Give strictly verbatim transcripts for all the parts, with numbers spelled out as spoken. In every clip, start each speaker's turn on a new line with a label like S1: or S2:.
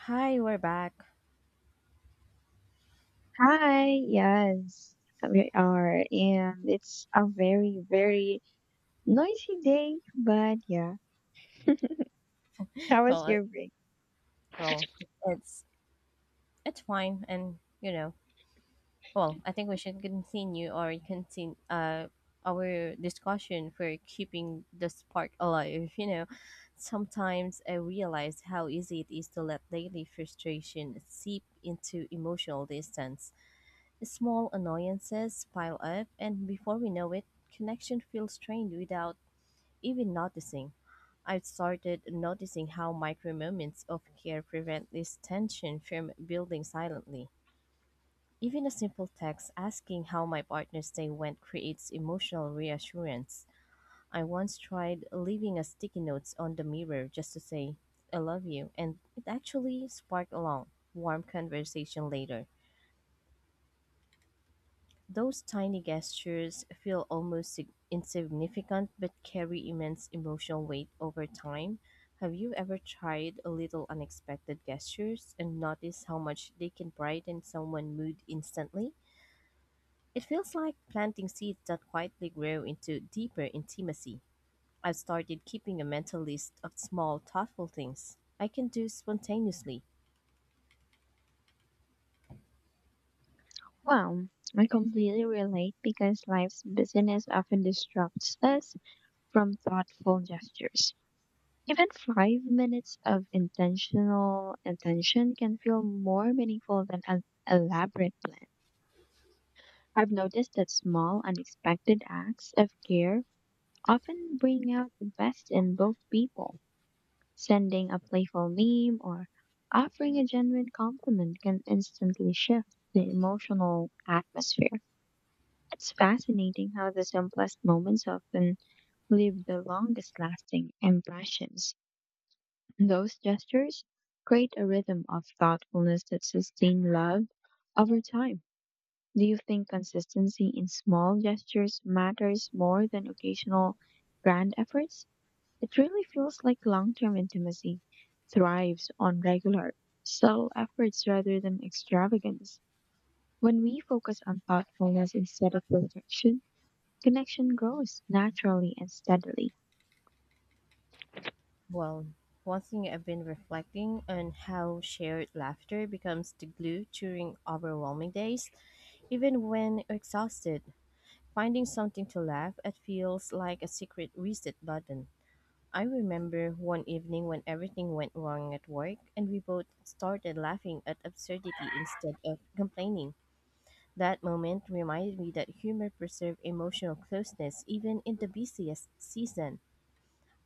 S1: Hi, we're back.
S2: Hi, yes, we are, and it's a very, very noisy day, but yeah, how was
S1: Well, it-
S2: your break?
S1: well, It's it's fine, and you know, well, I think we should continue or continue uh our discussion for keeping the spark alive. You know, sometimes I realize how easy it is to let daily frustration seep into emotional distance. Small annoyances pile up, and before we know it, connection feels strained without even noticing. I've started noticing how micro moments of care prevent this tension from building silently. Even a simple text asking how my partner's day went creates emotional reassurance. I once tried leaving a sticky notes on the mirror just to say, I love you, and it actually sparked a long, warm conversation later. Those tiny gestures feel almost sig- insignificant but carry immense emotional weight over time. Have you ever tried a little unexpected gestures and noticed how much they can brighten someone's mood instantly? It feels like planting seeds that quietly grow into deeper intimacy. I've started keeping a mental list of small, thoughtful things I can do spontaneously.
S2: Wow, I completely relate because life's busyness often distracts us from thoughtful gestures. Even five minutes of intentional attention can feel more meaningful than an elaborate plan. I've noticed that small, unexpected acts of care often bring out the best in both people. Sending a playful meme or offering a genuine compliment can instantly shift the emotional atmosphere. It's fascinating how the simplest moments often leave the longest lasting impressions. Those gestures create a rhythm of thoughtfulness that sustains love over time. Do you think consistency in small gestures matters more than occasional grand efforts? It really feels like long term intimacy thrives on regular, subtle efforts rather than extravagance. When we focus on thoughtfulness instead of perfection, connection grows naturally and steadily.
S1: Well, one thing I've been reflecting on how shared laughter becomes the glue during overwhelming days, even when exhausted. Finding something to laugh at feels like a secret reset button. I remember one evening when everything went wrong at work and we both started laughing at absurdity instead of complaining. That moment reminded me that humor preserves emotional closeness even in the busiest season.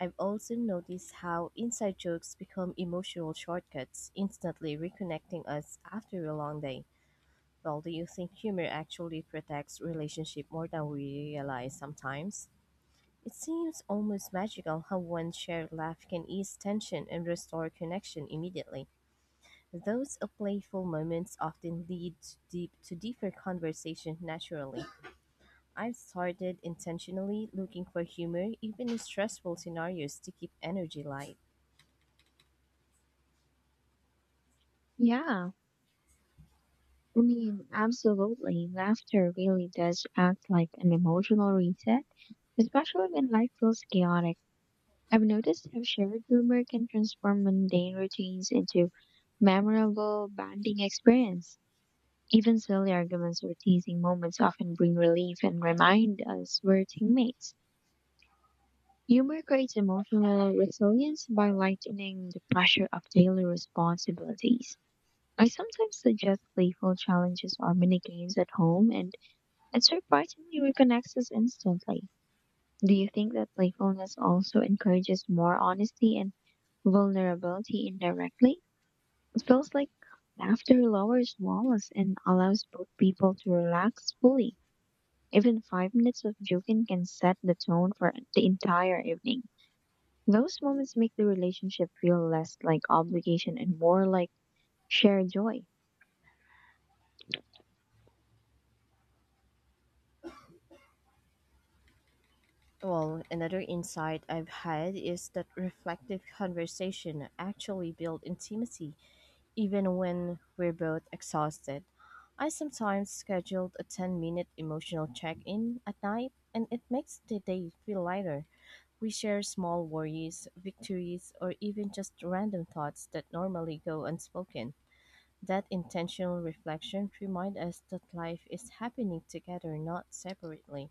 S1: I've also noticed how inside jokes become emotional shortcuts, instantly reconnecting us after a long day. Well, do you think humor actually protects relationship more than we realize sometimes? It seems almost magical how one shared laugh can ease tension and restore connection immediately. Those playful moments often lead deep to deeper conversation naturally. I've started intentionally looking for humor even in stressful scenarios to keep energy light.
S2: Yeah, I mean, absolutely. Laughter really does act like an emotional reset, especially when life feels chaotic. I've noticed how shared humor can transform mundane routines into memorable bonding experience. Even silly arguments or teasing moments often bring relief and remind us we're teammates. Humor creates emotional resilience by lightening the pressure of daily responsibilities. I sometimes suggest playful challenges or mini games at home, and it surprisingly reconnects us instantly. Do you think that playfulness also encourages more honesty and vulnerability indirectly? It feels like laughter lowers walls and allows both people to relax fully. Even five minutes of joking can set the tone for the entire evening. Those moments make the relationship feel less like obligation and more like shared joy.
S1: Well, another insight I've had is that reflective conversation actually build intimacy, even when we're both exhausted. I sometimes scheduled a ten minute emotional check in at night, and it makes the day feel lighter. We share small worries, victories, or even just random thoughts that normally go unspoken. That intentional reflection reminds us that life is happening together, not separately.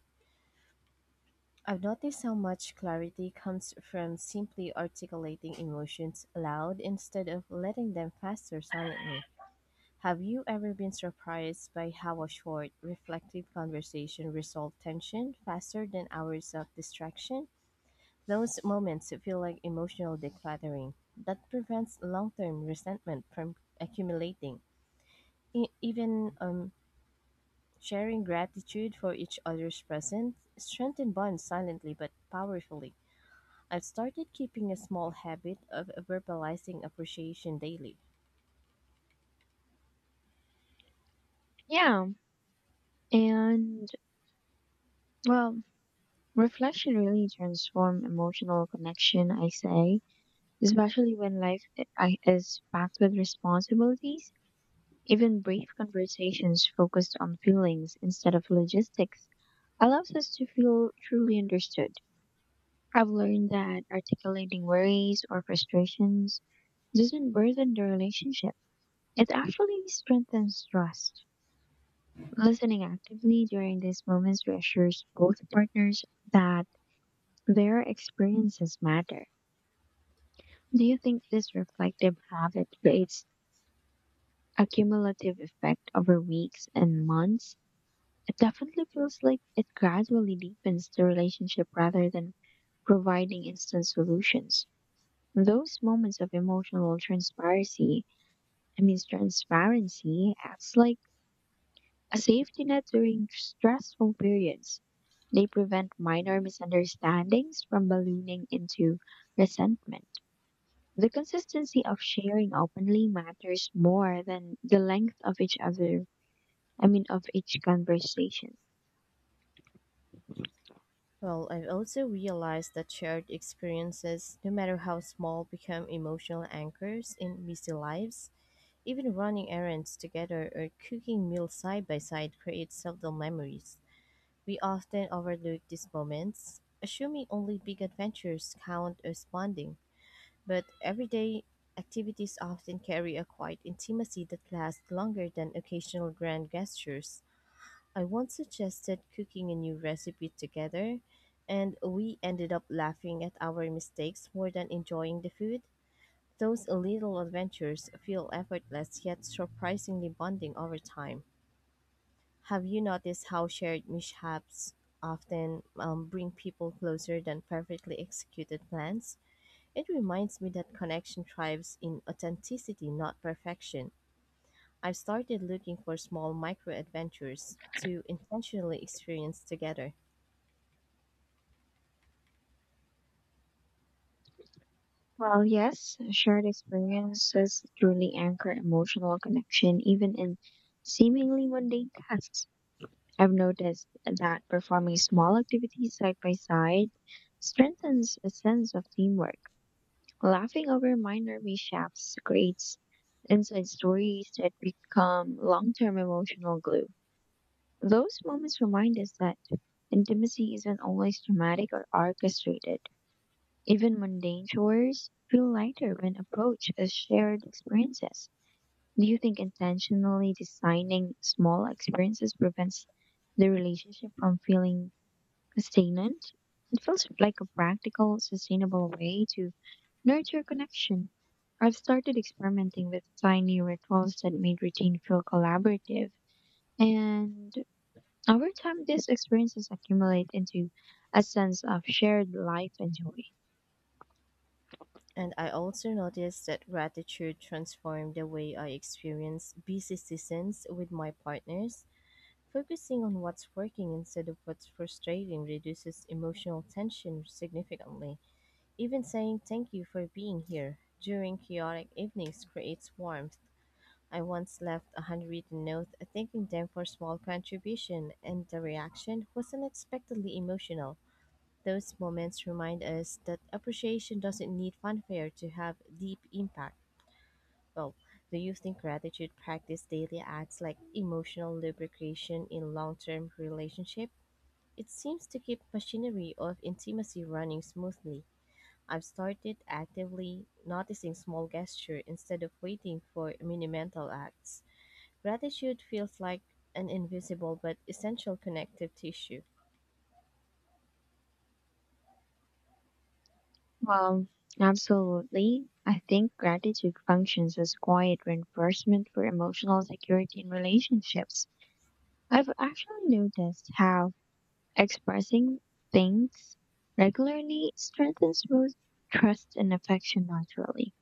S1: I've noticed how much clarity comes from simply articulating emotions aloud instead of letting them fester silently. Have you ever been surprised by how a short, reflective conversation resolved tension faster than hours of distraction? Those moments feel like emotional decluttering that prevents long term resentment from accumulating. E- even um, Sharing gratitude for each other's presence strengthen bonds silently but powerfully. I've started keeping a small habit of verbalizing appreciation daily.
S2: Yeah, and well, reflection really transform emotional connection, I say, especially when life i- I- is packed with responsibilities. Even brief conversations focused on feelings instead of logistics allows us to feel truly understood. I've learned that articulating worries or frustrations doesn't burden the relationship. It actually strengthens trust. Listening actively during these moments reassures both partners that their experiences matter. Do you think this reflective habit creates a cumulative effect over weeks and months? It definitely feels like it gradually deepens the relationship rather than providing instant solutions. Those moments of emotional transparency, I mean transparency acts like a safety net during stressful periods. They prevent minor misunderstandings from ballooning into resentment. The consistency of sharing openly matters more than the length of each other, I mean, of each conversation.
S1: Well, I've also realized that shared experiences, no matter how small, become emotional anchors in busy lives. Even running errands together or cooking meals side by side creates subtle memories. We often overlook these moments, assuming only big adventures count as bonding. But everyday activities often carry a quiet intimacy that lasts longer than occasional grand gestures. I once suggested cooking a new recipe together, and we ended up laughing at our mistakes more than enjoying the food. Those little adventures feel effortless yet surprisingly bonding over time. Have you noticed how shared mishaps often um, bring people closer than perfectly executed plans? It reminds me that connection thrives in authenticity, not perfection. I've started looking for small micro adventures to intentionally experience together.
S2: Well, yes, shared experiences truly anchor emotional connection even in seemingly mundane tasks. I've noticed that performing small activities side by side strengthens a sense of teamwork. Laughing over minor mishaps creates inside stories that become long term emotional glue. Those moments remind us that intimacy isn't always dramatic or orchestrated. Even mundane chores feel lighter when approached as shared experiences. Do you think intentionally designing small experiences prevents the relationship from feeling sustainant? It feels like a practical, sustainable way to nurture connection. I've started experimenting with tiny rituals that made routine feel collaborative. And over time, these experiences accumulate into a sense of shared life and joy.
S1: And I also noticed that gratitude transformed the way I experience busy seasons with my partners. Focusing on what's working instead of what's frustrating reduces emotional tension significantly. Even saying thank you for being here during chaotic evenings creates warmth. I once left a handwritten note thanking them for small contribution and the reaction was unexpectedly emotional. Those moments remind us that appreciation doesn't need fanfare to have deep impact. Well, do you think gratitude practice daily acts like emotional lubrication in long term relationship? It seems to keep machinery of intimacy running smoothly. I've started actively noticing small gesture instead of waiting for monumental acts. Gratitude feels like an invisible but essential connective tissue.
S2: Well, absolutely. I think gratitude functions as quiet reinforcement for emotional security in relationships. I've actually noticed how expressing things regularly strengthens both trust and affection naturally.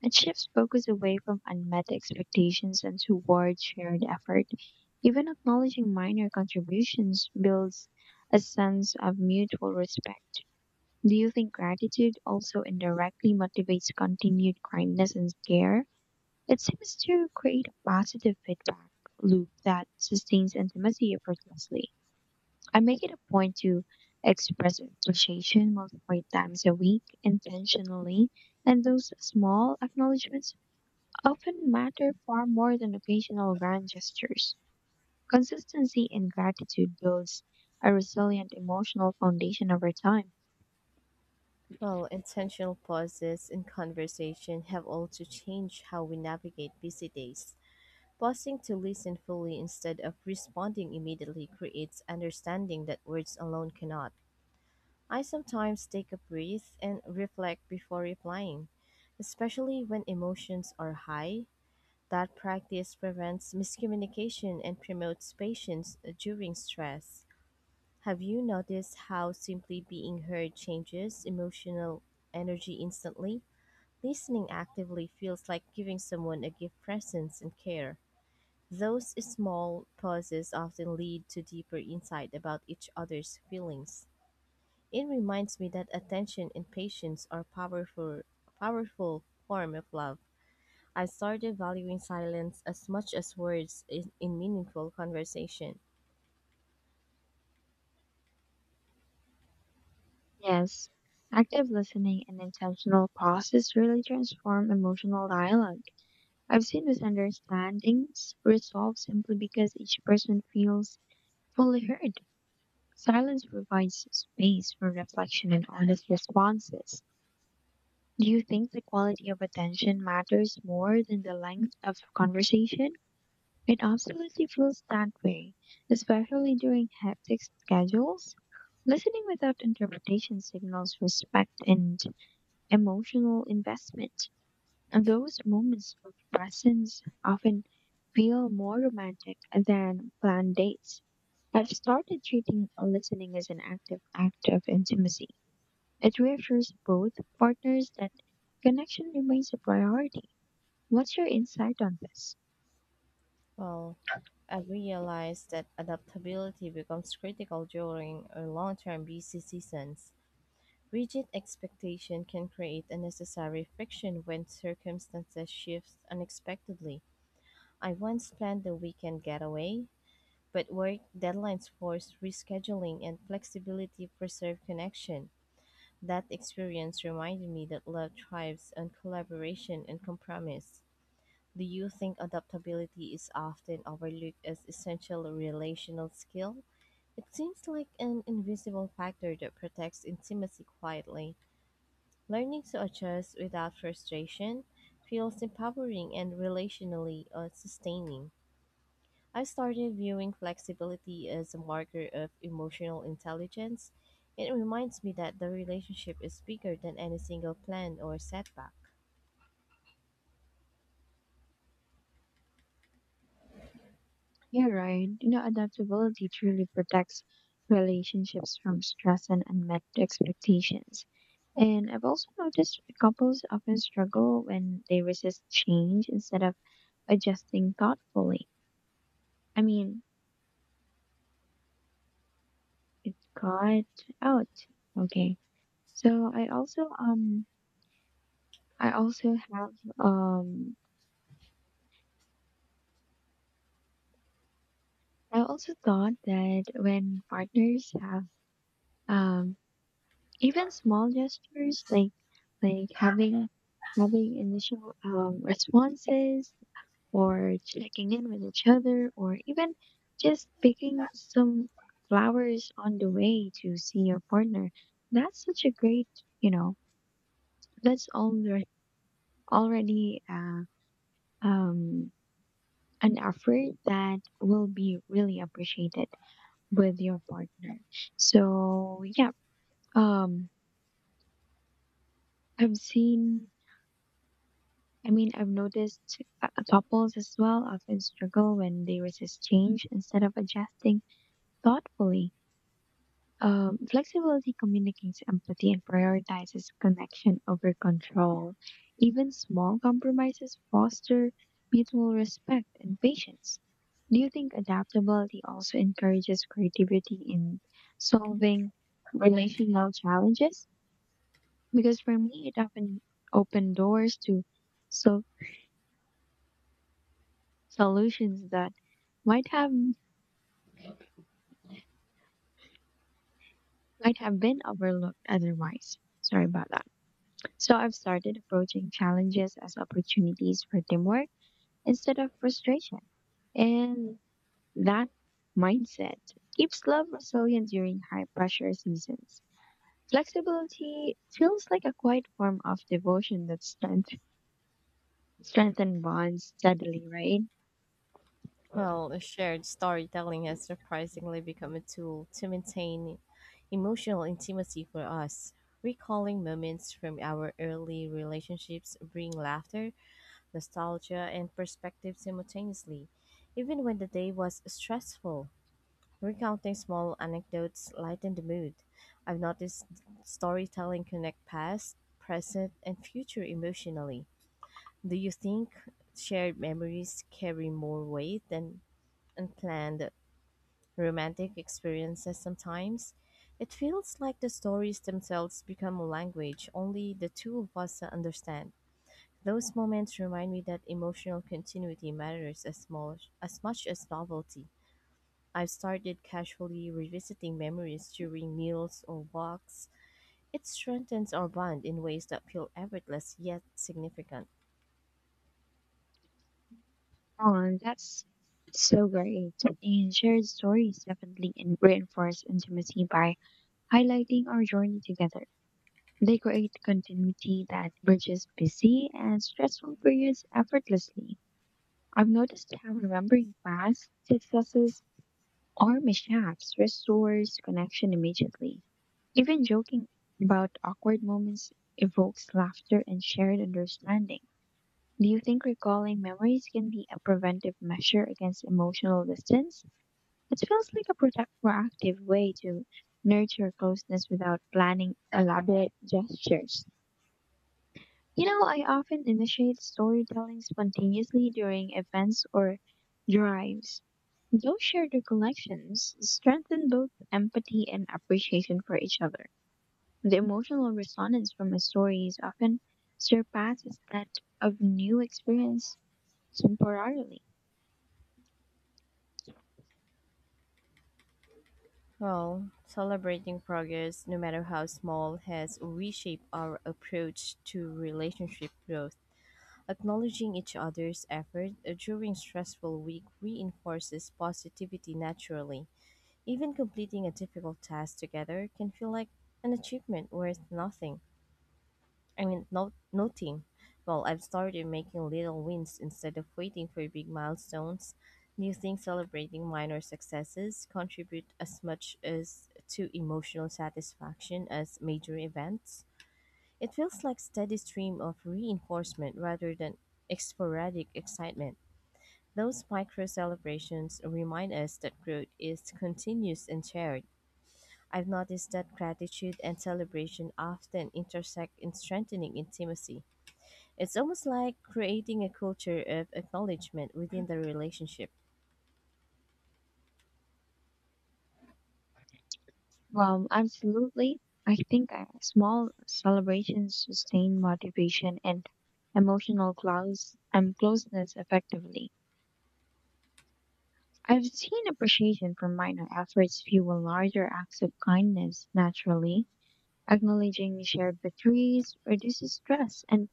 S2: It shifts focus away from unmet expectations and toward shared effort. Even acknowledging minor contributions builds a sense of mutual respect. Do you think gratitude also indirectly motivates continued kindness and care? It seems to create a positive feedback loop that sustains intimacy effortlessly. I make it a point to express appreciation multiple times a week intentionally, and those small acknowledgments often matter far more than occasional grand gestures. Consistency in gratitude builds a resilient emotional foundation over time.
S1: Well, intentional pauses in conversation have also changed how we navigate busy days. Pausing to listen fully instead of responding immediately creates understanding that words alone cannot. I sometimes take a breath and reflect before replying, especially when emotions are high. That practice prevents miscommunication and promotes patience during stress. Have you noticed how simply being heard changes emotional energy instantly? Listening actively feels like giving someone a gift presence and care. Those small pauses often lead to deeper insight about each other's feelings. It reminds me that attention and patience are powerful powerful form of love. I started valuing silence as much as words in, in meaningful conversation.
S2: Yes, active listening and intentional pauses really transform emotional dialogue. I've seen misunderstandings resolved simply because each person feels fully heard. Silence provides space for reflection and honest responses. Do you think the quality of attention matters more than the length of conversation? It absolutely feels that way, especially during hectic schedules. Listening without interpretation signals respect and emotional investment. And those moments of presence often feel more romantic than planned dates. I've started treating listening as an active act of intimacy. It reassures both partners that connection remains a priority. What's your insight on this?
S1: Well, I've realized that adaptability becomes critical during a long-term busy seasons. Rigid expectation can create unnecessary friction when circumstances shift unexpectedly. I once planned a weekend getaway, but work deadlines forced rescheduling and flexibility preserved connection. That experience reminded me that love thrives on collaboration and compromise. Do you think adaptability is often overlooked as essential relational skill? It seems like an invisible factor that protects intimacy quietly. Learning to adjust without frustration feels empowering and relationally uh, sustaining. I started viewing flexibility as a marker of emotional intelligence. It reminds me that the relationship is bigger than any single plan or setback.
S2: Yeah, Ryan. You know, adaptability truly protects relationships from stress and unmet expectations. And I've also noticed couples often struggle when they resist change instead of adjusting thoughtfully. I mean, it's got out. Okay. So I also um I also have um I also thought that when partners have um even small gestures like like having having initial um, responses or checking in with each other or even just picking some flowers on the way to see your partner. That's such a great, you know, that's alre- already uh, um, an effort that will be really appreciated with your partner. So yeah, um, I've seen I mean, I've noticed uh, couples as well often struggle when they resist change instead of adjusting thoughtfully. Um, flexibility communicates empathy and prioritizes connection over control. Even small compromises foster mutual respect and patience. Do you think adaptability also encourages creativity in solving relational challenges? Because for me, it often opened doors to so solutions that might have might have been overlooked otherwise. Sorry about that. So I've started approaching challenges as opportunities for teamwork instead of frustration. And that mindset keeps love resilient during high pressure seasons. Flexibility feels like a quiet form of devotion that strength, strengthen bonds steadily, right?
S1: Well, shared storytelling has surprisingly become a tool to maintain emotional intimacy for us. Recalling moments from our early relationships bring laughter nostalgia and perspective simultaneously, even when the day was stressful. Recounting small anecdotes lightened the mood. I've noticed storytelling connect past, present, and future emotionally. Do you think shared memories carry more weight than unplanned romantic experiences sometimes? It feels like the stories themselves become a language only the two of us understand. Those moments remind me that emotional continuity matters as, mo- as much as novelty. I've started casually revisiting memories during meals or walks. It strengthens our bond in ways that feel effortless yet significant.
S2: Oh, that's so great. And shared stories definitely en- reinforce intimacy by highlighting our journey together. They create continuity that bridges busy and stressful periods effortlessly. I've noticed how remembering past successes or mishaps restores connection immediately. Even joking about awkward moments evokes laughter and shared understanding. Do you think recalling memories can be a preventive measure against emotional distance? It feels like a product- proactive way to nurture closeness without planning elaborate gestures. You know, I often initiate storytelling spontaneously during events or drives. Those shared recollections strengthen both empathy and appreciation for each other. The emotional resonance from a story is often surpasses that of new experience temporarily.
S1: Well, celebrating progress, no matter how small, has reshaped our approach to relationship growth. Acknowledging each other's effort during stressful week reinforces positivity naturally. Even completing a difficult task together can feel like an achievement worth nothing. I mean, no, Noting. Well, I've started making little wins instead of waiting for big milestones. Do you think celebrating minor successes contribute as much as to emotional satisfaction as major events? It feels like steady stream of reinforcement rather than sporadic excitement. Those micro celebrations remind us that growth is continuous and shared. I've noticed that gratitude and celebration often intersect in strengthening intimacy. It's almost like creating a culture of acknowledgement within the relationship.
S2: Um, absolutely. I think uh, small celebrations sustain motivation and emotional close, um, closeness effectively. I've seen appreciation for minor efforts fuel larger acts of kindness naturally. Acknowledging shared victories reduces stress and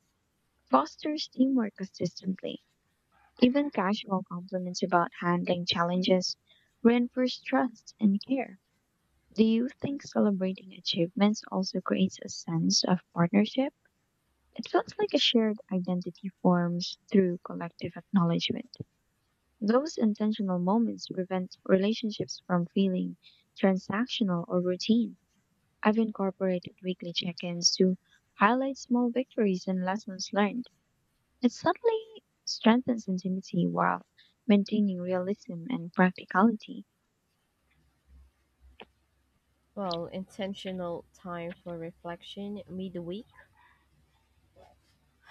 S2: fosters teamwork consistently. Even casual compliments about handling challenges reinforce trust and care. Do you think celebrating achievements also creates a sense of partnership? It feels like a shared identity forms through collective acknowledgement. Those intentional moments prevent relationships from feeling transactional or routine. I've incorporated weekly check ins to highlight small victories and lessons learned. It subtly strengthens intimacy while maintaining realism and practicality.
S1: Well, intentional time for reflection midweek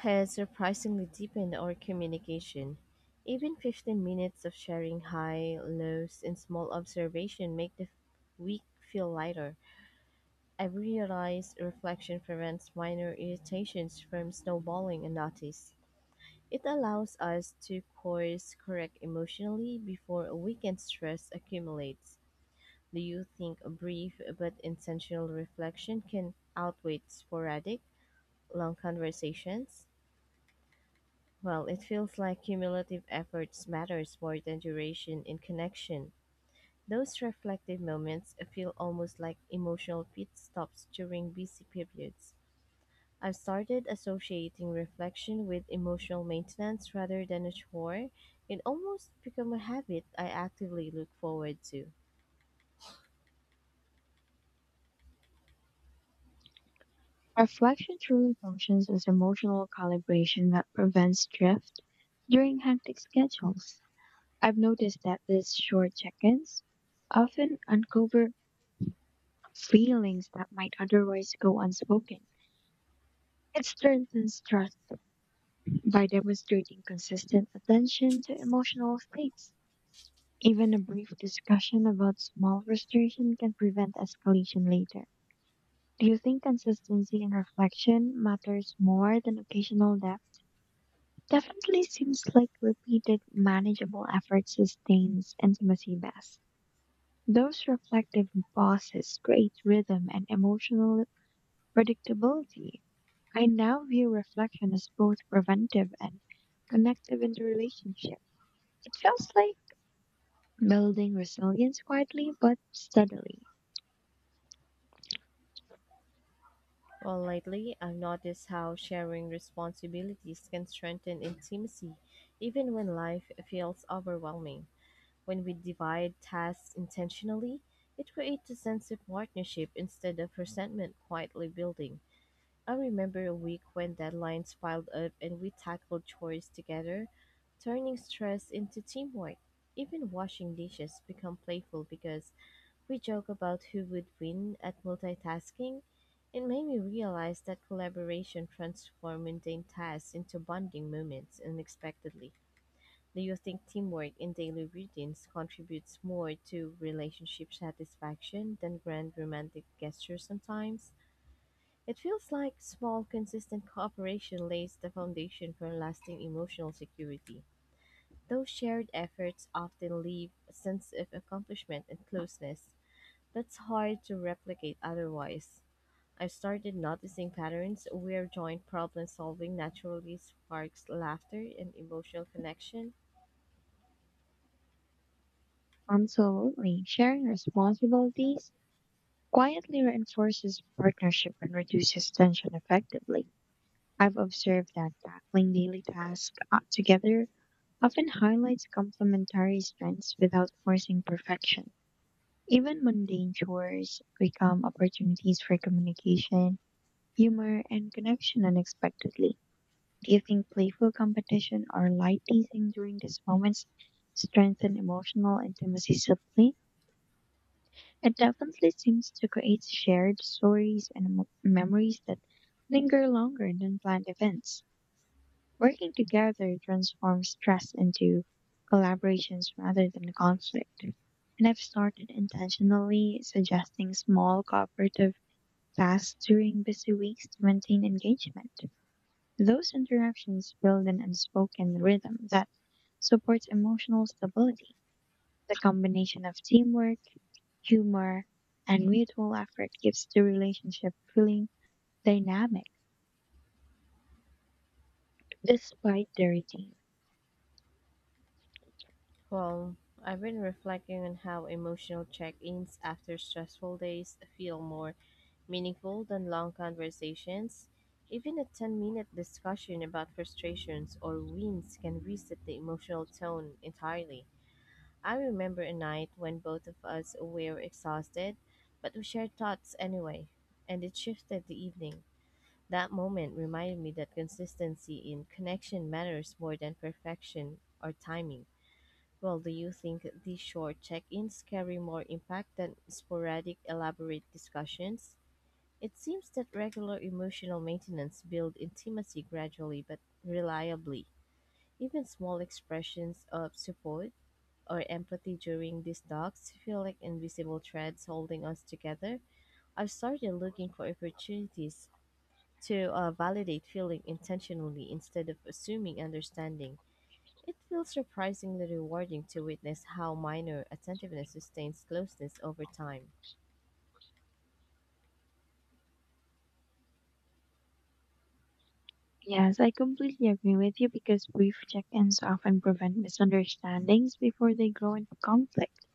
S1: has surprisingly deepened our communication. Even fifteen minutes of sharing high, lows, and small observation make the week feel lighter. I realize reflection prevents minor irritations from snowballing unnoticed. It allows us to course correct emotionally before a weekend stress accumulates. Do you think a brief but intentional reflection can outweigh sporadic, long conversations? Well, it feels like cumulative efforts matters more than duration in connection. Those reflective moments feel almost like emotional pit stops during busy periods. I've started associating reflection with emotional maintenance rather than a chore. It almost become a habit I actively look forward to.
S2: Reflection truly functions as emotional calibration that prevents drift during hectic schedules. I've noticed that these short check ins often uncover feelings that might otherwise go unspoken. It strengthens trust by demonstrating consistent attention to emotional states. Even a brief discussion about small frustration can prevent escalation later. Do you think consistency in reflection matters more than occasional depth? Definitely seems like repeated, manageable effort sustains intimacy best. Those reflective pauses create rhythm and emotional predictability. I now view reflection as both preventive and connective in the relationship. It feels like building resilience quietly but steadily.
S1: Well, lately, I've noticed how sharing responsibilities can strengthen intimacy even when life feels overwhelming. When we divide tasks intentionally, it creates a sense of partnership instead of resentment quietly building. I remember a week when deadlines piled up and we tackled chores together, turning stress into teamwork. Even washing dishes become playful because we joke about who would win at multitasking. It made me realize that collaboration transforms mundane tasks into bonding moments unexpectedly. Do you think teamwork in daily routines contributes more to relationship satisfaction than grand romantic gestures sometimes? It feels like small, consistent cooperation lays the foundation for lasting emotional security. Those shared efforts often leave a sense of accomplishment and closeness that's hard to replicate otherwise. I've started noticing patterns where joint problem solving naturally sparks laughter and emotional connection.
S2: Absolutely, sharing responsibilities quietly reinforces partnership and reduces tension effectively. I've observed that tackling daily tasks uh, together often highlights complementary strengths without forcing perfection. Even mundane chores become opportunities for communication, humor, and connection unexpectedly. Do you think playful competition or light teasing during these moments strengthen emotional intimacy subtly? It definitely seems to create shared stories and mo- memories that linger longer than planned events. Working together transforms stress into collaborations rather than conflict. And I've started intentionally suggesting small cooperative tasks during busy weeks to maintain engagement. Those interactions build an unspoken rhythm that supports emotional stability. The combination of teamwork, humor, and mutual effort gives the relationship feeling dynamic despite the routine.
S1: Well, I've been reflecting on how emotional check ins after stressful days feel more meaningful than long conversations, even a ten minute discussion about frustrations or wins can reset the emotional tone entirely. I remember a night when both of us were exhausted, but we shared thoughts anyway, and it shifted the evening. That moment reminded me that consistency in connection matters more than perfection or timing. Well, do you think these short check ins carry more impact than sporadic, elaborate discussions? It seems that regular emotional maintenance builds intimacy gradually but reliably. Even small expressions of support or empathy during these talks feel like invisible threads holding us together. I've started looking for opportunities to uh, validate feeling intentionally instead of assuming understanding. It feels surprisingly rewarding to witness how minor attentiveness sustains closeness over time.
S2: Yes, I completely agree with you because brief check ins often prevent misunderstandings before they grow into conflict.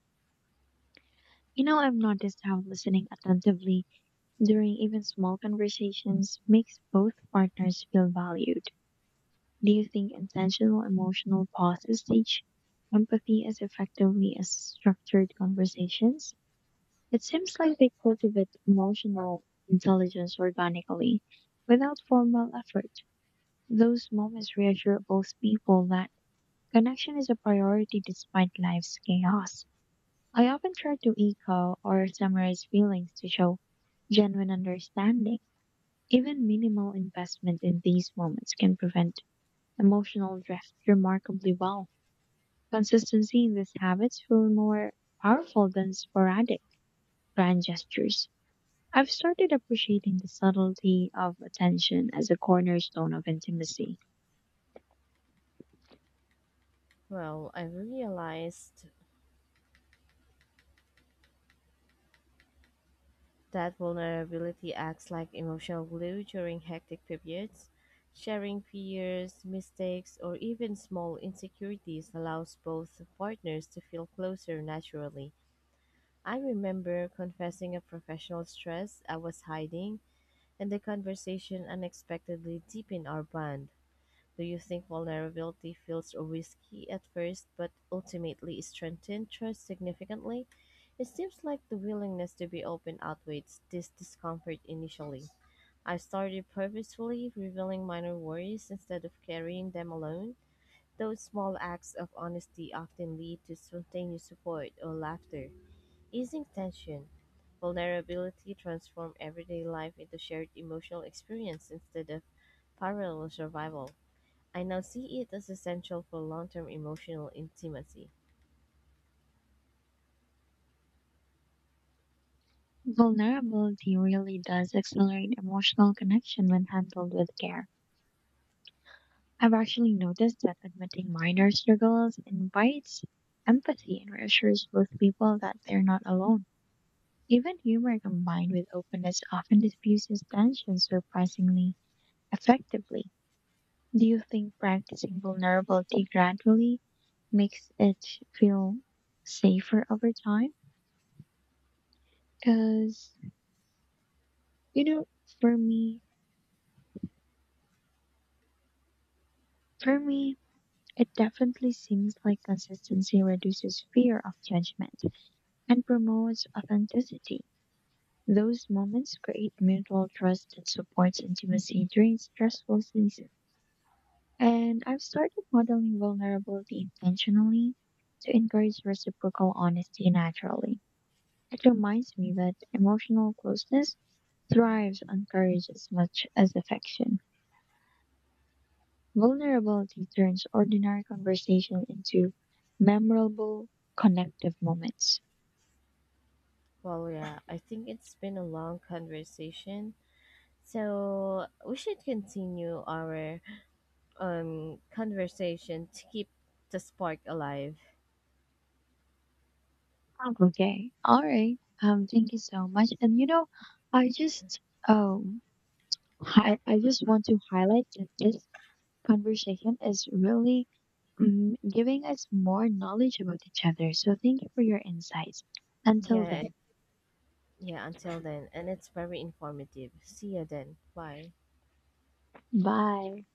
S2: You know, I've noticed how listening attentively during even small conversations makes both partners feel valued. Do you think intentional emotional pauses teach empathy as effectively as structured conversations? It seems like they cultivate emotional intelligence organically without formal effort. Those moments reassure both people that connection is a priority despite life's chaos. I often try to echo or summarize feelings to show genuine understanding. Even minimal investment in these moments can prevent emotional drift remarkably well. Consistency in these habits feel more powerful than sporadic grand gestures. I've started appreciating the subtlety of attention as a cornerstone of intimacy.
S1: Well, I've realized that vulnerability acts like emotional glue during hectic periods. Sharing fears, mistakes, or even small insecurities allows both partners to feel closer naturally. I remember confessing a professional stress I was hiding, and the conversation unexpectedly deepened our bond. Do you think vulnerability feels risky at first, but ultimately strengthens trust significantly? It seems like the willingness to be open outweighs this discomfort initially. I started purposefully revealing minor worries instead of carrying them alone. Those small acts of honesty often lead to spontaneous support or laughter, easing tension. Vulnerability transforms everyday life into shared emotional experience instead of parallel survival. I now see it as essential for long term emotional intimacy.
S2: Vulnerability really does accelerate emotional connection when handled with care. I've actually noticed that admitting minor struggles invites empathy and reassures both people that they're not alone. Even humor combined with openness often diffuses tension surprisingly effectively. Do you think practicing vulnerability gradually makes it feel safer over time? Because, you know, for me, for me, it definitely seems like consistency reduces fear of judgment and promotes authenticity. Those moments create mutual trust and supports intimacy during stressful seasons. And I've started modeling vulnerability intentionally to encourage reciprocal honesty naturally. It reminds me that emotional closeness thrives on courage as much as affection. Vulnerability turns ordinary conversation into memorable, connective moments.
S1: Well, yeah, I think it's been a long conversation. So we should continue our um, conversation to keep the spark alive.
S2: Okay. All right. Um, thank you so much. And you know, I just um I, I just want to highlight that this conversation is really um, giving us more knowledge about each other. So thank you for your insights. Until
S1: Yeah,
S2: then,
S1: yeah, until then. And it's very informative. See you then. Bye.
S2: bye.